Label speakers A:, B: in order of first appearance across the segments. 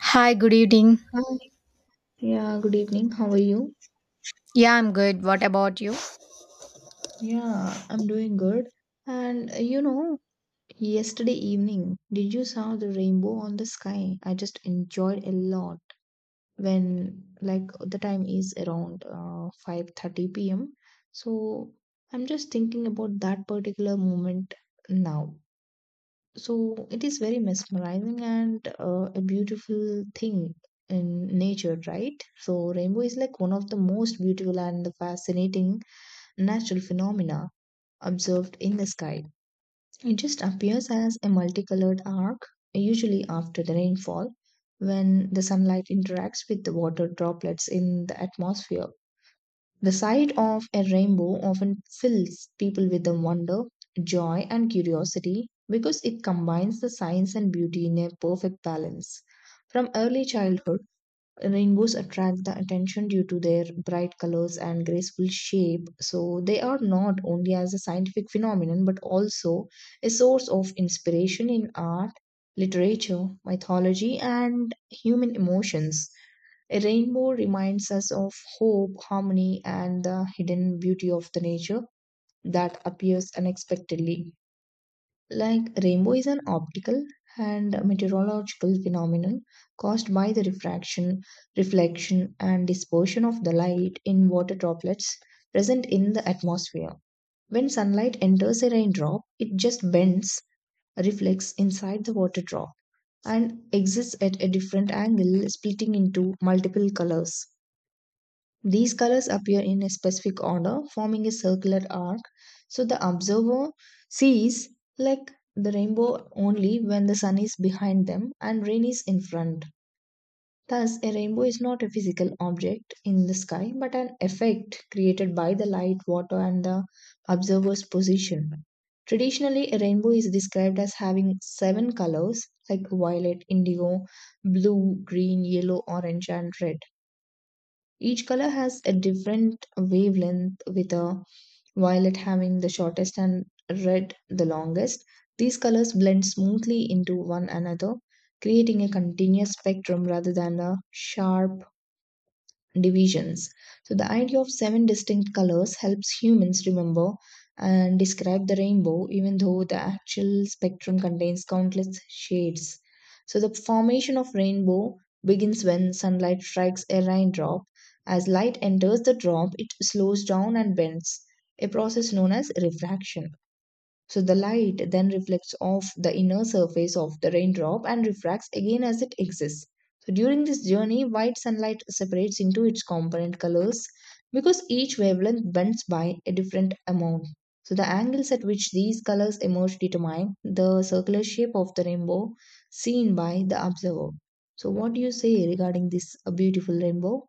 A: Hi, good evening.
B: Hi. Yeah, good evening. How are you?
A: Yeah, I'm good. What about you?
B: Yeah, I'm doing good. And yesterday evening, did you saw the rainbow on the sky? I just enjoyed a lot when like the time is around 5:30 p.m. So I'm just thinking about that particular moment now. So it is very mesmerizing and a beautiful thing in nature, right? So rainbow is like one of the most beautiful and fascinating natural phenomena observed in the sky. It just appears as a multicolored arc, usually after the rainfall, when the sunlight interacts with the water droplets in the atmosphere. The sight of a rainbow often fills people with the wonder, joy, and curiosity because it combines the science and beauty in a perfect balance. From early childhood, rainbows attract the attention due to their bright colors and graceful shape. So, they are not only as a scientific phenomenon but also a source of inspiration in art, literature, mythology, and human emotions. A rainbow reminds us of hope, harmony, and the hidden beauty of the nature that appears unexpectedly. Like rainbow is an optical and meteorological phenomenon caused by the refraction, reflection, and dispersion of the light in water droplets present in the atmosphere. When sunlight enters a raindrop, it just bends, reflects inside the water drop, and exits at a different angle, splitting into multiple colors. These colors appear in a specific order, forming a circular arc, so the observer sees like the rainbow only when the sun is behind them and rain is in front. Thus, a rainbow is not a physical object in the sky but an effect created by the light, water, and the observer's position. Traditionally, a rainbow is described as having seven colors like violet, indigo, blue, green, yellow, orange, and red. Each color has a different wavelength, with a violet having the shortest and red the longest. These colors blend smoothly into one another, creating a continuous spectrum rather than a sharp divisions. So, the idea of seven distinct colors helps humans remember and describe the rainbow, even though the actual spectrum contains countless shades. So, the formation of rainbow begins when sunlight strikes a raindrop. As light enters the drop, it slows down and bends, a process known as refraction. So the light then reflects off the inner surface of the raindrop and refracts again as it exists. So during this journey, white sunlight separates into its component colors because each wavelength bends by a different amount. So the angles at which these colors emerge determine the circular shape of the rainbow seen by the observer. So what do you say regarding this beautiful rainbow?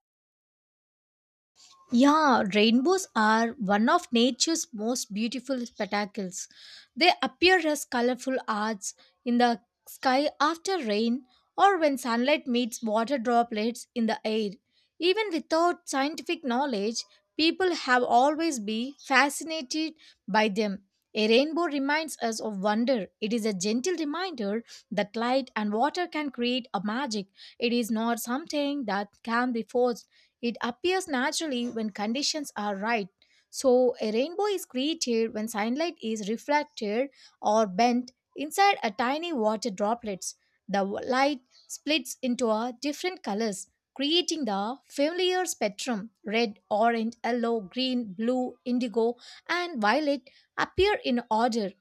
A: Yeah, rainbows are one of nature's most beautiful spectacles. They appear as colorful arcs in the sky after rain or when sunlight meets water droplets in the air. Even without scientific knowledge, people have always been fascinated by them. A rainbow reminds us of wonder. It is a gentle reminder that light and water can create a magic. It is not something that can be forced, it appears naturally when conditions are right. So a rainbow is created when sunlight is reflected or bent inside a tiny water droplets. The light splits into a different colors, creating the familiar spectrum. Red, orange, yellow, green, blue, indigo, and violet appear in order.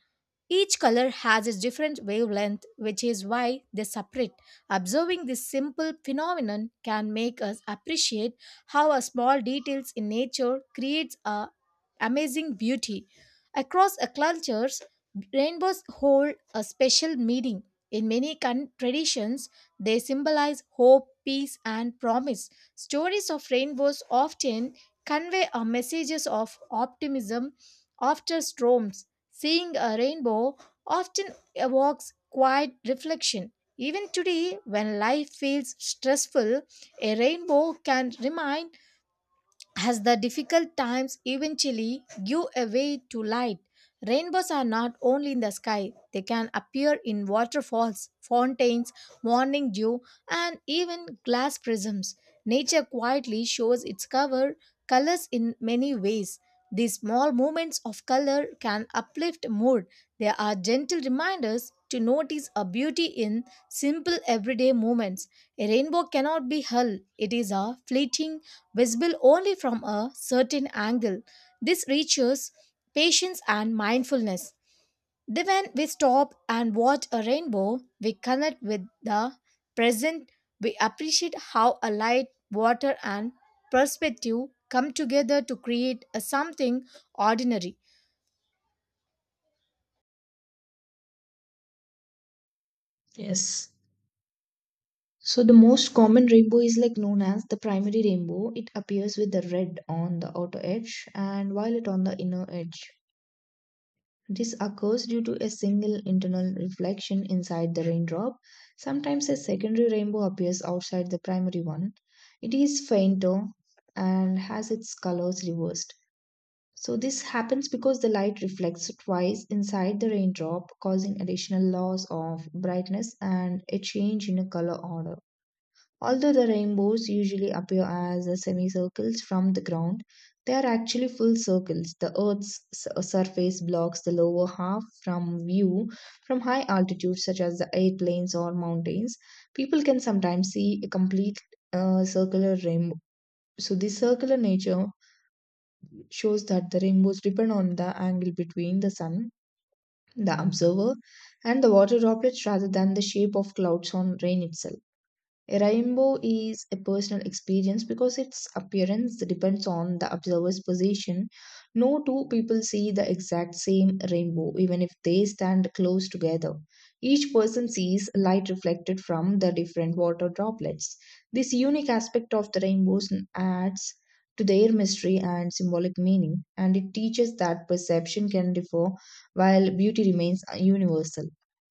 A: Each color has its different wavelength, which is why they separate. Observing this simple phenomenon can make us appreciate how a small details in nature creates a amazing beauty. Across a cultures, rainbows hold a special meaning. In many traditions, they symbolize hope, peace, and promise. Stories of rainbows often convey a messages of optimism after storms. Seeing a rainbow often evokes quiet reflection. Even today, when life feels stressful, a rainbow can remind as the difficult times eventually give a way to light. Rainbows are not only in the sky, they can appear in waterfalls, fountains, morning dew, and even glass prisms. Nature quietly shows its cover colors in many ways. These small movements of color can uplift mood. They are gentle reminders to notice a beauty in simple everyday moments. A rainbow cannot be held, it is a fleeting, visible only from a certain angle. This reaches patience and mindfulness. Then, when we stop and watch a rainbow, we connect with the present. We appreciate how a light, water, and perspective come together to create a something ordinary.
B: Yes. So the most common rainbow is like known as the primary rainbow. It appears with the red on the outer edge and violet on the inner edge. This occurs due to a single internal reflection inside the raindrop. Sometimes a secondary rainbow appears outside the primary one. It is fainter and has its colors reversed. So this happens because the light reflects twice inside the raindrop, causing additional loss of brightness and a change in a color order. Although the rainbows usually appear as a semicircles from the ground, they are actually full circles. The Earth's surface blocks the lower half from view from high altitudes, such as the airplanes or mountains. People can sometimes see a complete circular rainbow. So, this circular nature shows that the rainbows depend on the angle between the sun, the observer, and the water droplets rather than the shape of clouds on rain itself. A rainbow is a personal experience because its appearance depends on the observer's position. No two people see the exact same rainbow, even if they stand close together. Each person sees light reflected from the different water droplets. This unique aspect of the rainbows adds to their mystery and symbolic meaning, and it teaches that perception can differ while beauty remains universal.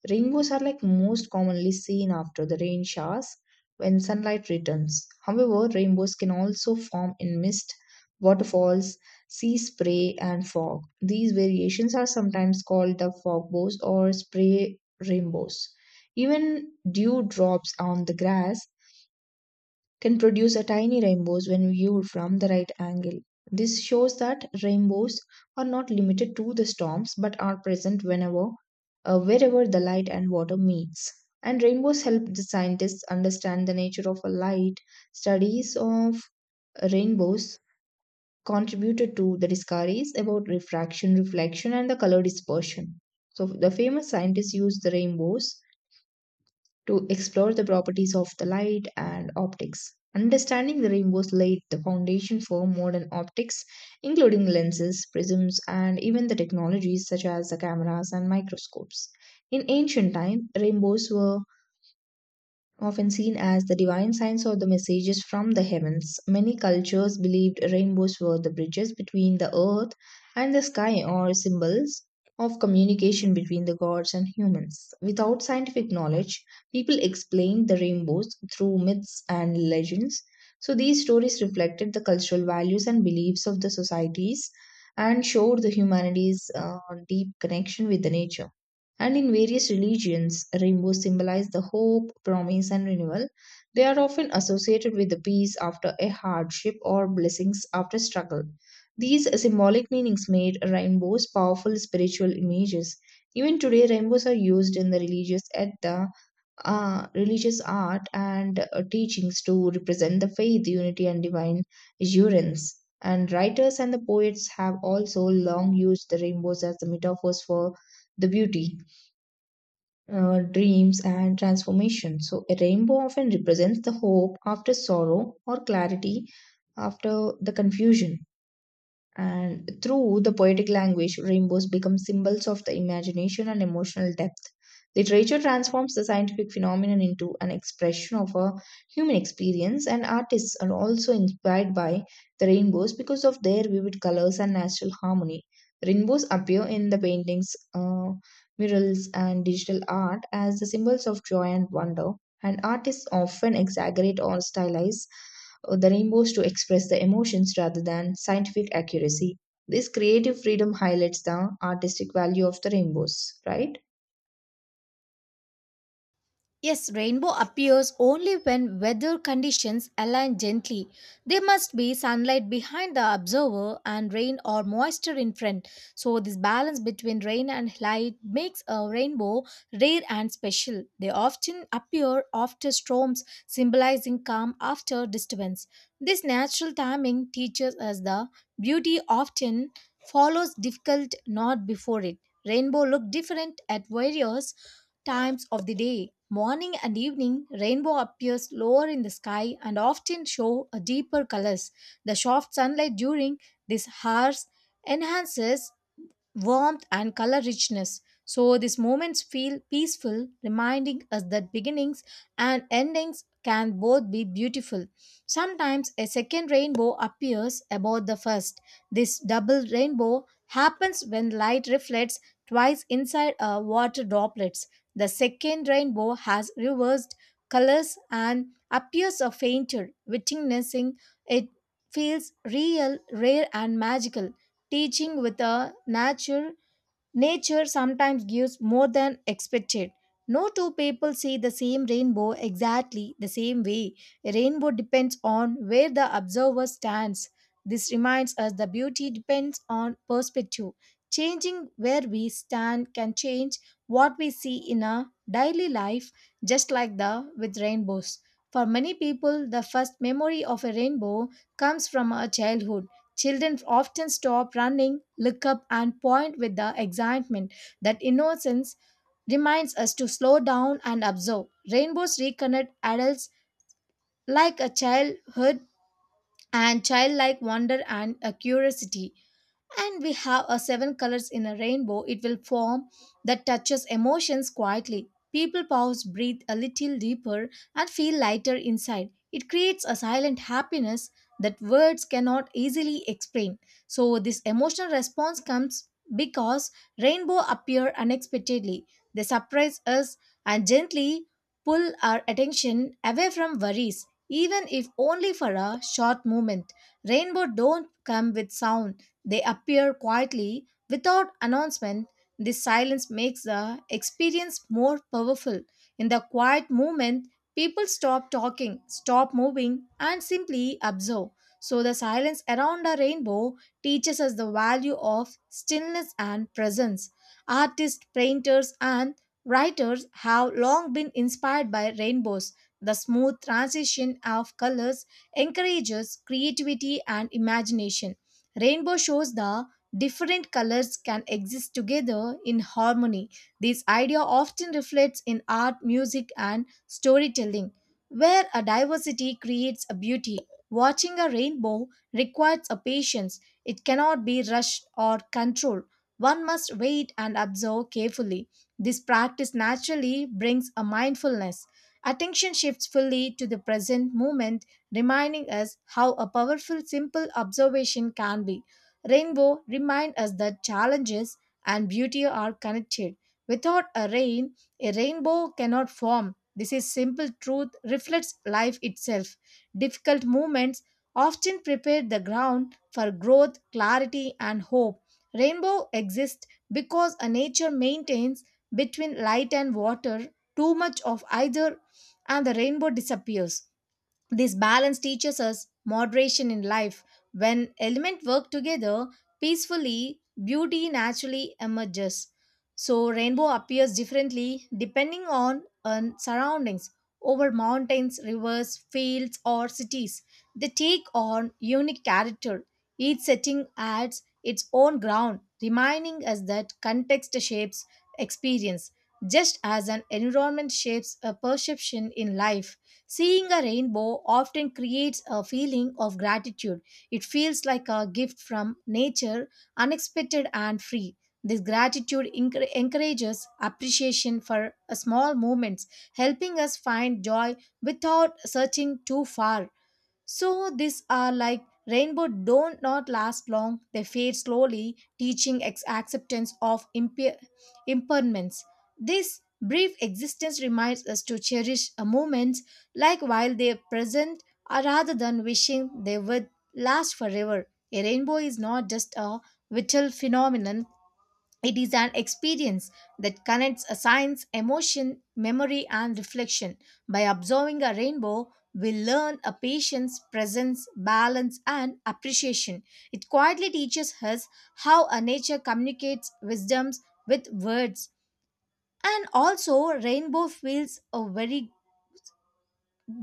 B: Rainbows are like most commonly seen after the rain showers when sunlight returns. However, rainbows can also form in mist, waterfalls, sea spray, and fog. These variations are sometimes called the fogbows or spray rainbows. Even dew drops on the grass can produce a tiny rainbows when viewed from the right angle. This shows that rainbows are not limited to the storms but are present whenever wherever the light and water meets. And rainbows help the scientists understand the nature of a light. Studies of rainbows contributed to the discoveries about refraction, reflection, and the color dispersion. So the famous scientists used the rainbows to explore the properties of the light and optics. Understanding the rainbows laid the foundation for modern optics, including lenses, prisms, and even the technologies such as the cameras and microscopes. In ancient time, rainbows were often seen as the divine signs or the messages from the heavens. Many cultures believed rainbows were the bridges between the earth and the sky or symbols of communication between the gods and humans. Without scientific knowledge, people explained the rainbows through myths and legends. So these stories reflected the cultural values and beliefs of the societies and showed the humanity's deep connection with the nature. And in various religions, rainbows symbolize the hope, promise, and renewal. They are often associated with the peace after a hardship or blessings after struggle. These symbolic meanings made rainbows powerful spiritual images. Even today, rainbows are used in the religious at the religious art and teachings to represent the faith, unity, and divine assurance. And writers and the poets have also long used the rainbows as the metaphors for the beauty, dreams, and transformation. So, a rainbow often represents the hope after sorrow or clarity after the confusion. And through the poetic language, rainbows become symbols of the imagination and emotional depth. Literature transforms the scientific phenomenon into an expression of a human experience, and artists are also inspired by the rainbows because of their vivid colors and natural harmony. Rainbows appear in the paintings, murals, and digital art as the symbols of joy and wonder, and artists often exaggerate or stylize the rainbows to express the emotions rather than scientific accuracy. This creative freedom highlights the artistic value of the rainbows, right?
A: Yes, rainbow appears only when weather conditions align gently. There must be sunlight behind the observer and rain or moisture in front. So this balance between rain and light makes a rainbow rare and special. They often appear after storms, symbolizing calm after disturbance. This natural timing teaches us the beauty often follows difficult, not before it. Rainbow look different at various times of the day. Morning and evening, rainbow appears lower in the sky and often show a deeper colors. The soft sunlight during these hours enhances warmth and color richness. So these moments feel peaceful, reminding us that beginnings and endings can both be beautiful. Sometimes a second rainbow appears above the first. This double rainbow happens when light reflects twice inside a water droplets. The second rainbow has reversed colors and appears a fainter. Witnessing it feels real, rare, and magical. Teaching with a nature sometimes gives more than expected. No two people see the same rainbow exactly the same way. A rainbow depends on where the observer stands. This reminds us the beauty depends on perspective. Changing where we stand can change what we see in our daily life, just like the with rainbows. For many people, the first memory of a rainbow comes from our childhood. Children often stop running, look up, and point with the excitement. That innocence reminds us to slow down and observe. Rainbows reconnect adults like a childhood and childlike wonder and a curiosity, and we have a seven colors in a rainbow it will form that touches emotions quietly. People pause, breathe a little deeper, and feel lighter inside. It creates a silent happiness that words cannot easily explain. So this emotional response comes because rainbow appear unexpectedly. They surprise us and gently pull our attention away from worries, even if only for a short moment. Rainbow don't come with sound, they appear quietly without announcement. This silence makes the experience more powerful. In the quiet moment, people stop talking, stop moving, and simply observe. So the silence around a rainbow teaches us the value of stillness and presence. Artists, painters, and writers have long been inspired by rainbows. The smooth transition of colors encourages creativity and imagination. Rainbow shows the different colors can exist together in harmony. This idea often reflects in art, music, and storytelling, where a diversity creates a beauty. Watching a rainbow requires a patience. It cannot be rushed or controlled. One must wait and observe carefully. This practice naturally brings a mindfulness. Attention shifts fully to the present moment, reminding us how a powerful simple observation can be. Rainbow remind us that challenges and beauty are connected. Without a rain, a rainbow cannot form. This is simple truth reflects life itself. Difficult moments often prepare the ground for growth, clarity, and hope. Rainbow exists because a nature maintains between light and water. Too much of either and the rainbow disappears. This balance teaches us moderation in life. When elements work together peacefully, beauty naturally emerges. So rainbow appears differently depending on surroundings over mountains, rivers, fields, or cities. They take on unique character. Each setting adds its own ground, reminding us that context shapes experience, just as an environment shapes a perception in life. Seeing a rainbow often creates a feeling of gratitude. It feels like a gift from nature, unexpected and free. This gratitude encourages appreciation for small moments, helping us find joy without searching too far. So these are like rainbow don't not last long. They fade slowly, teaching acceptance of impermanence. This brief existence reminds us to cherish a moments like while they are present, rather than wishing they would last forever. A rainbow is not just a vital phenomenon; it is an experience that connects a science, emotion, memory, and reflection. By observing a rainbow, we learn a patience, presence, balance, and appreciation. It quietly teaches us how a nature communicates wisdoms with words. And also, rainbow feels a very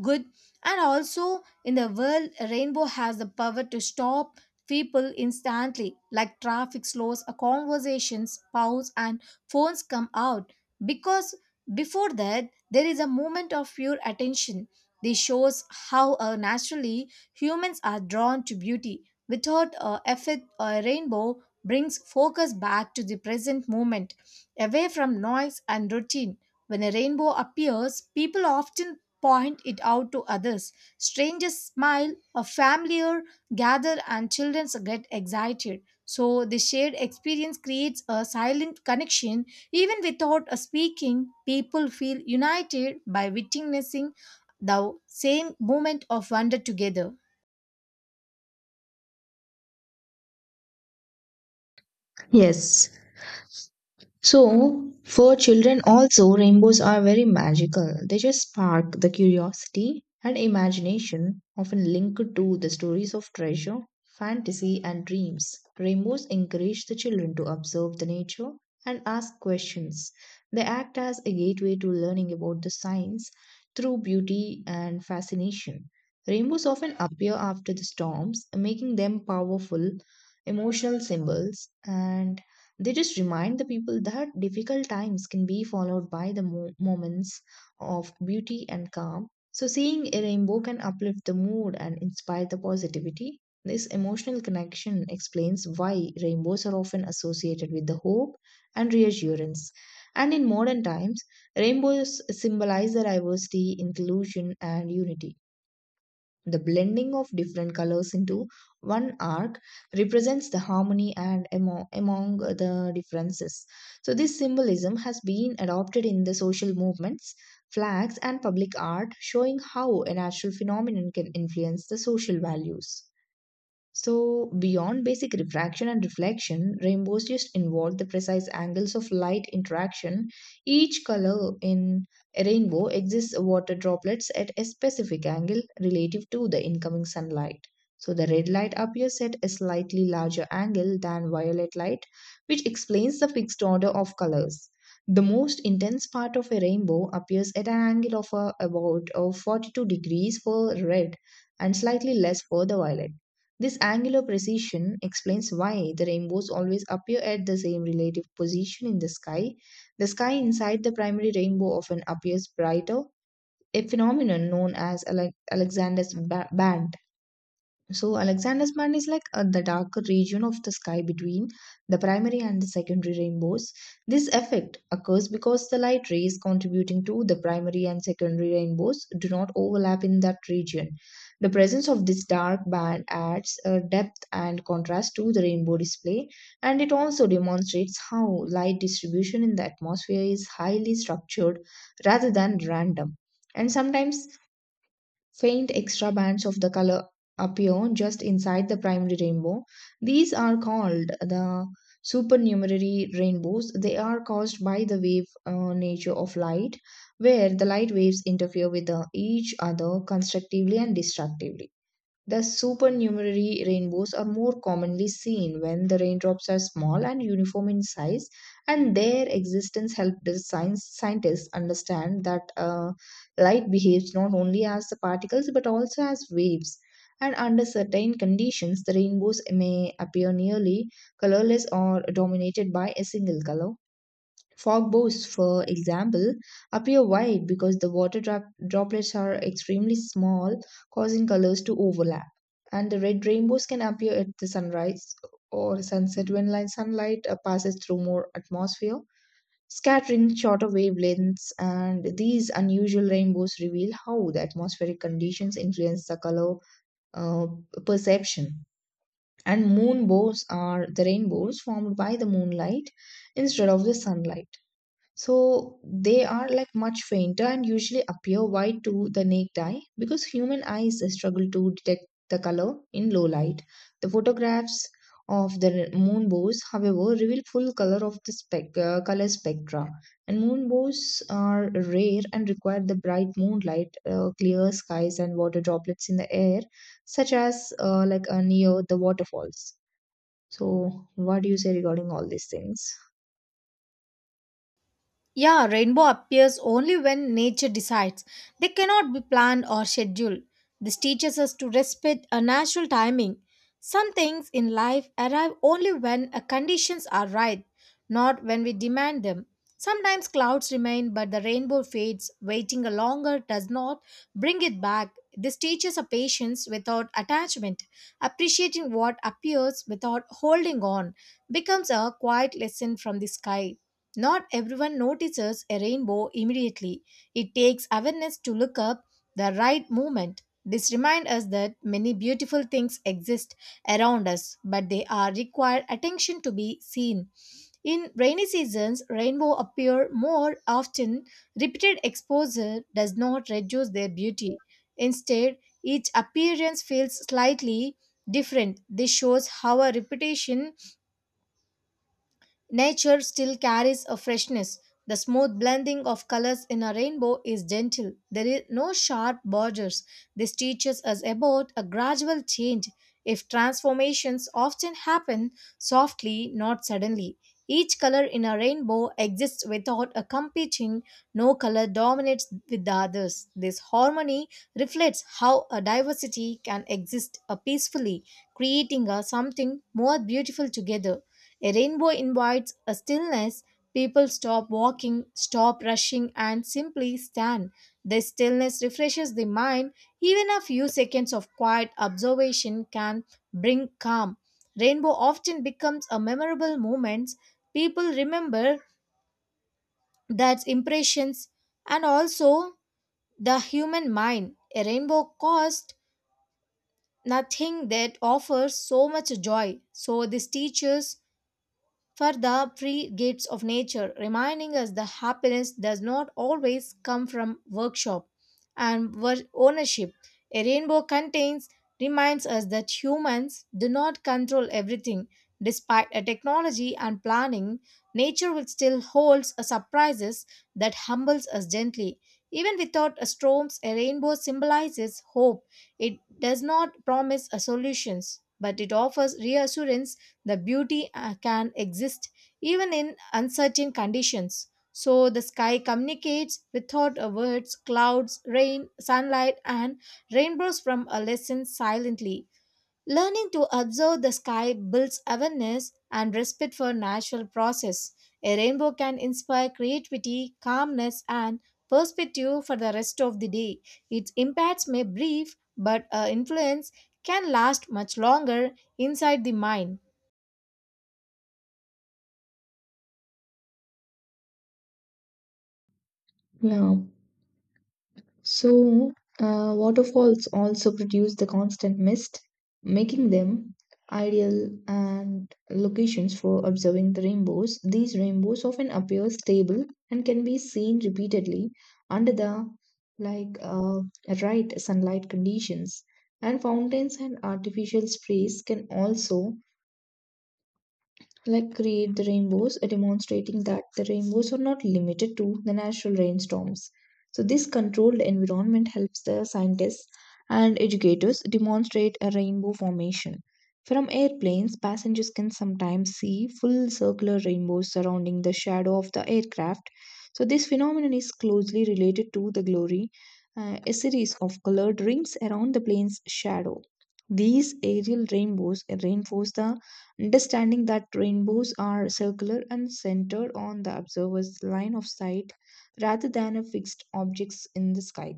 A: good. And also in the world, a rainbow has the power to stop people instantly. Like, traffic slows, a conversations pause, and phones come out, because before that there is a moment of pure attention. This shows how naturally humans are drawn to beauty without effort. A rainbow brings focus back to the present moment, away from noise and routine. When a rainbow appears, people often point it out to others. Strangers smile, a familiar gather, and children get excited. So the shared experience creates a silent connection. Even without a speaking, people feel united by witnessing the same moment of wonder together.
B: Yes. So, for children also, rainbows are very magical. They just spark the curiosity and imagination, often linked to the stories of treasure, fantasy, and dreams. Rainbows encourage the children to observe the nature and ask questions. They act as a gateway to learning about the science through beauty and fascination. Rainbows often appear after the storms, making them powerful emotional symbols, and they just remind the people that difficult times can be followed by the moments of beauty and calm. So, seeing a rainbow can uplift the mood and inspire the positivity. This emotional connection explains why rainbows are often associated with the hope and reassurance. And in modern times, rainbows symbolize the diversity, inclusion, and unity. The blending of different colors into one arc represents the harmony and among the differences. So, this symbolism has been adopted in the social movements, flags, and public art, showing how a natural phenomenon can influence the social values. So, beyond basic refraction and reflection, rainbows just involve the precise angles of light interaction. Each color in a rainbow exists water droplets at a specific angle relative to the incoming sunlight. So, the red light appears at a slightly larger angle than violet light, which explains the fixed order of colors. The most intense part of a rainbow appears at an angle of about 42 degrees for red and slightly less for the violet. This angular precision explains why the rainbows always appear at the same relative position in the sky. The sky inside the primary rainbow often appears brighter, a phenomenon known as Alexander's band. So Alexander's band is like the darker region of the sky between the primary and the secondary rainbows. This effect occurs because the light rays contributing to the primary and secondary rainbows do not overlap in that region. The presence of this dark band adds depth and contrast to the rainbow display, and it also demonstrates how light distribution in the atmosphere is highly structured rather than random. And sometimes faint extra bands of the color appear just inside the primary rainbow. These are called the supernumerary rainbows. They are caused by the wave nature of light, where the light waves interfere with each other constructively and destructively. The supernumerary rainbows are more commonly seen when the raindrops are small and uniform in size, and their existence helped the scientists understand that light behaves not only as the particles but also as waves. And under certain conditions, the rainbows may appear nearly colorless or dominated by a single color. Fog bows, for example, appear white because the water droplets are extremely small, causing colors to overlap. And the red rainbows can appear at the sunrise or sunset when light sunlight passes through more atmosphere, scattering shorter wavelengths. And these unusual rainbows reveal how the atmospheric conditions influence the color uh, perception. And moon bows are the rainbows formed by the moonlight instead of the sunlight, so they are like much fainter and usually appear white to the naked eye because human eyes struggle to detect the color in low light. The photographs of the moon bows, however, reveal full color of the color spectra. And moon bows are rare and require the bright moonlight, clear skies, and water droplets in the air, such as near the waterfalls. So, what do you say regarding all these things?
A: Yeah, rainbow appears only when nature decides. They cannot be planned or scheduled. This teaches us to respect a natural timing. Some things in life arrive only when conditions are right, not when we demand them. Sometimes clouds remain, but the rainbow fades. Waiting a longer does not bring it back. This teaches a patience without attachment. Appreciating what appears without holding on becomes a quiet lesson from the sky. Not everyone notices a rainbow immediately. It takes awareness to look up the right moment. This reminds us that many beautiful things exist around us, but they are required attention to be seen. In rainy seasons, rainbow appear more often. Repeated exposure does not reduce their beauty. Instead, each appearance feels slightly different. This shows how a repetition nature still carries a freshness. The smooth blending of colors in a rainbow is gentle. There is no sharp borders. This teaches us about a gradual change. If transformations often happen softly, not suddenly. Each color in a rainbow exists without a competing, no color dominates with the others. This harmony reflects how a diversity can exist peacefully, creating a something more beautiful together. A rainbow invites a stillness. People stop walking, stop rushing, and simply stand. The stillness refreshes the mind. Even a few seconds of quiet observation can bring calm. Rainbow often becomes a memorable moment. People remember that impressions and also the human mind. A rainbow cost nothing that offers so much joy. So this teaches for the free gifts of nature, reminding us the happiness does not always come from workshop and ownership. A rainbow contains reminds us that humans do not control everything. Despite a technology and planning, nature will still holds a surprises that humbles us gently. Even without a storms, a rainbow symbolizes hope. It does not promise a solutions, but it offers reassurance the beauty can exist even in uncertain conditions. So the sky communicates without a words. Clouds, rain, sunlight, and rainbows from a lesson silently. Learning to observe the sky builds awareness and respect for natural process. A rainbow can inspire creativity, calmness, and perspective for the rest of the day. Its impacts may brief, but influence can last much longer inside the mind.
B: Yeah. So, waterfalls also produce the constant mist, making them ideal and locations for observing the rainbows. These rainbows often appear stable and can be seen repeatedly under the like uh, right sunlight conditions. And fountains and artificial sprays can also like create the rainbows, demonstrating that the rainbows are not limited to the natural rainstorms. So, this controlled environment helps the scientists and educators demonstrate a rainbow formation. From airplanes, passengers can sometimes see full circular rainbows surrounding the shadow of the aircraft. So, this phenomenon is closely related to the glory, a series of colored rings around the plane's shadow. These aerial rainbows reinforce the understanding that rainbows are circular and centered on the observer's line of sight rather than a fixed objects in the sky.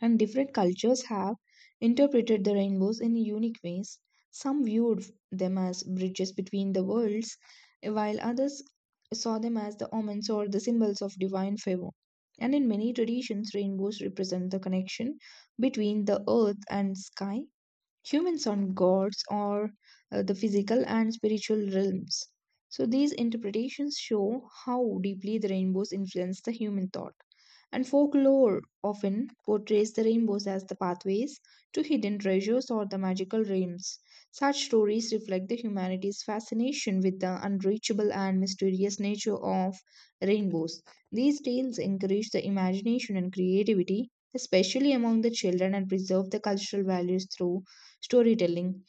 B: And different cultures have interpreted the rainbows in unique ways. Some viewed them as bridges between the worlds, while others saw them as the omens or the symbols of divine favor. And in many traditions, rainbows represent the connection between the earth and sky, humans on gods, or the physical and spiritual realms. So, these interpretations show how deeply the rainbows influence the human thought. And folklore often portrays the rainbows as the pathways to hidden treasures or the magical realms. Such stories reflect the humanity's fascination with the unreachable and mysterious nature of rainbows. These tales encourage the imagination and creativity, especially among the children, and preserve the cultural values through storytelling.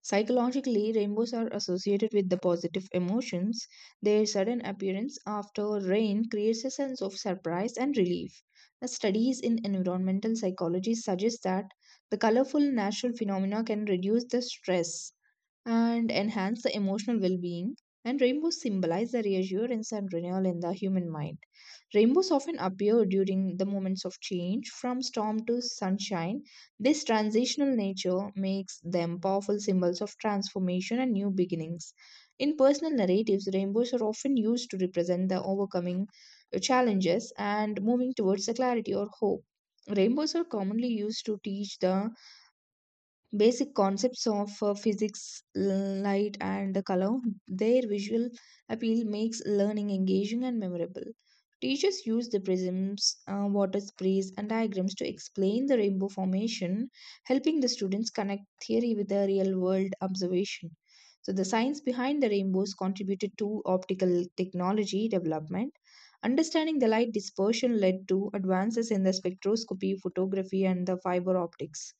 B: Psychologically, rainbows are associated with the positive emotions. Their sudden appearance after rain creates a sense of surprise and relief. The studies in environmental psychology suggest that the colorful natural phenomena can reduce the stress and enhance the emotional well being. And rainbows symbolize the reassurance and renewal in the human mind. Rainbows often appear during the moments of change, from storm to sunshine. This transitional nature makes them powerful symbols of transformation and new beginnings. In personal narratives, rainbows are often used to represent the overcoming challenges and moving towards the clarity or hope. Rainbows are commonly used to teach the basic concepts of physics, l- light, and the color. Their visual appeal makes learning engaging and memorable. Teachers use the prisms, water sprays, and diagrams to explain the rainbow formation, helping the students connect theory with the real world observation. So, the science behind the rainbows contributed to optical technology development. Understanding the light dispersion led to advances in the spectroscopy, photography, and the fiber optics.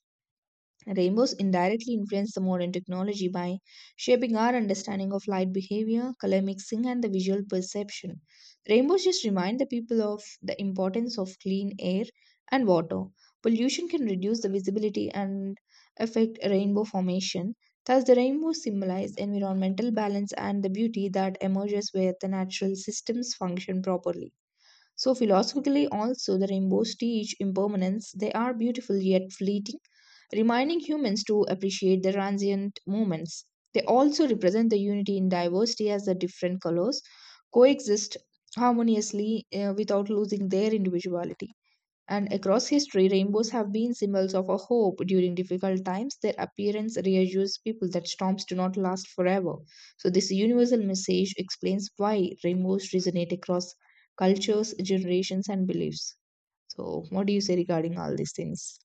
B: Rainbows indirectly influence the modern technology by shaping our understanding of light behavior, color mixing, and the visual perception. Rainbows just remind the people of the importance of clean air and water. Pollution can reduce the visibility and affect rainbow formation. Thus, the rainbow symbolizes environmental balance and the beauty that emerges where the natural systems function properly. So, philosophically, also, the rainbows teach impermanence. They are beautiful yet fleeting, reminding humans to appreciate the transient moments. They also represent the unity in diversity as the different colors coexist harmoniously without losing their individuality. And across history, rainbows have been symbols of a hope during difficult times. Their appearance reassures people that storms do not last forever. So, this universal message explains why rainbows resonate across cultures, generations, and beliefs. So, what do you say regarding all these things?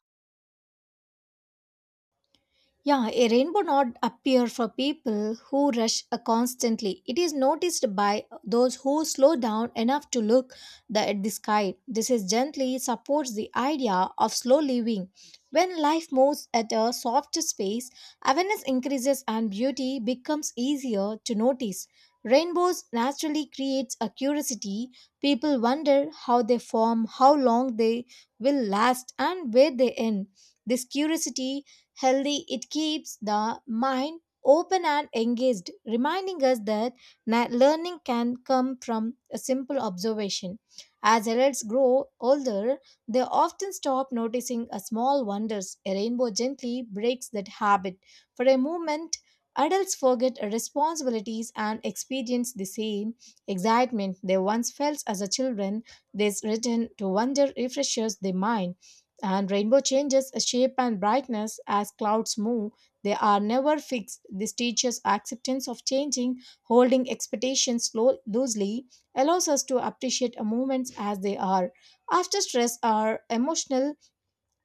A: Yeah, a rainbow not appear for people who rush constantly. It is noticed by those who slow down enough to look at the sky. This is gently supports the idea of slow living. When life moves at a softer pace, awareness increases and beauty becomes easier to notice. Rainbows naturally creates a curiosity. People wonder how they form, how long they will last, and where they end. This curiosity healthy, it keeps the mind open and engaged, reminding us that learning can come from a simple observation. As adults grow older, they often stop noticing a small wonders. A rainbow gently breaks that habit. For a moment, adults forget responsibilities and experience the same excitement they once felt as a children. This return to wonder refreshes the mind. And rainbow changes shape and brightness as clouds move. They are never fixed. This teaches acceptance of changing, holding expectations loosely, allows us to appreciate moments as they are. After stress or emotional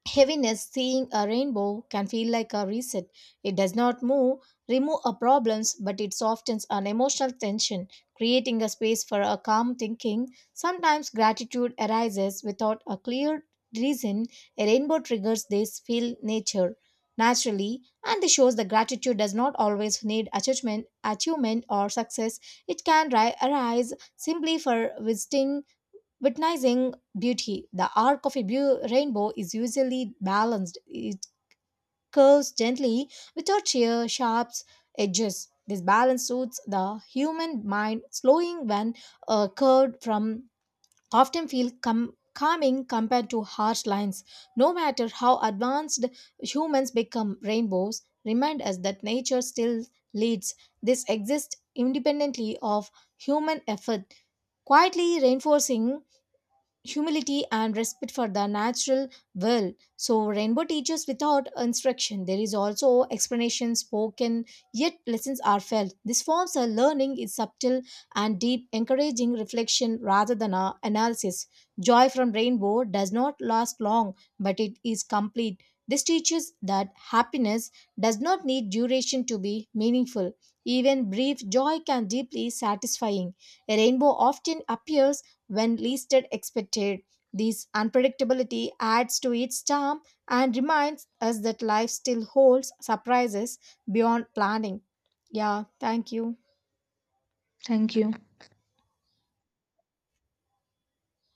A: heaviness, seeing a rainbow can feel like a reset. It does not move, remove our problems, but it softens an emotional tension, creating a space for a calm thinking. Sometimes gratitude arises without a clear reason. A rainbow triggers this feel nature naturally, and this shows that gratitude does not always need achievement or success. It can arise simply for visiting, witnessing beauty. The arc of a rainbow is usually balanced. It curves gently without sheer, sharp edges. This balance suits the human mind, slowing when curved from often feel calming compared to harsh lines. No matter how advanced humans become, rainbows remind us that nature still leads. This exists independently of human effort, quietly reinforcing humility and respect for the natural world. So, rainbow teaches without instruction. There is also explanation spoken, yet lessons are felt. This forms a learning is subtle and deep, encouraging reflection rather than a analysis. Joy from rainbow does not last long, but it is complete. This teaches that happiness does not need duration to be meaningful. Even brief joy can deeply satisfying. A rainbow often appears when least expected. This unpredictability adds to its charm and reminds us that life still holds surprises beyond planning. Yeah, thank you.
B: Thank you.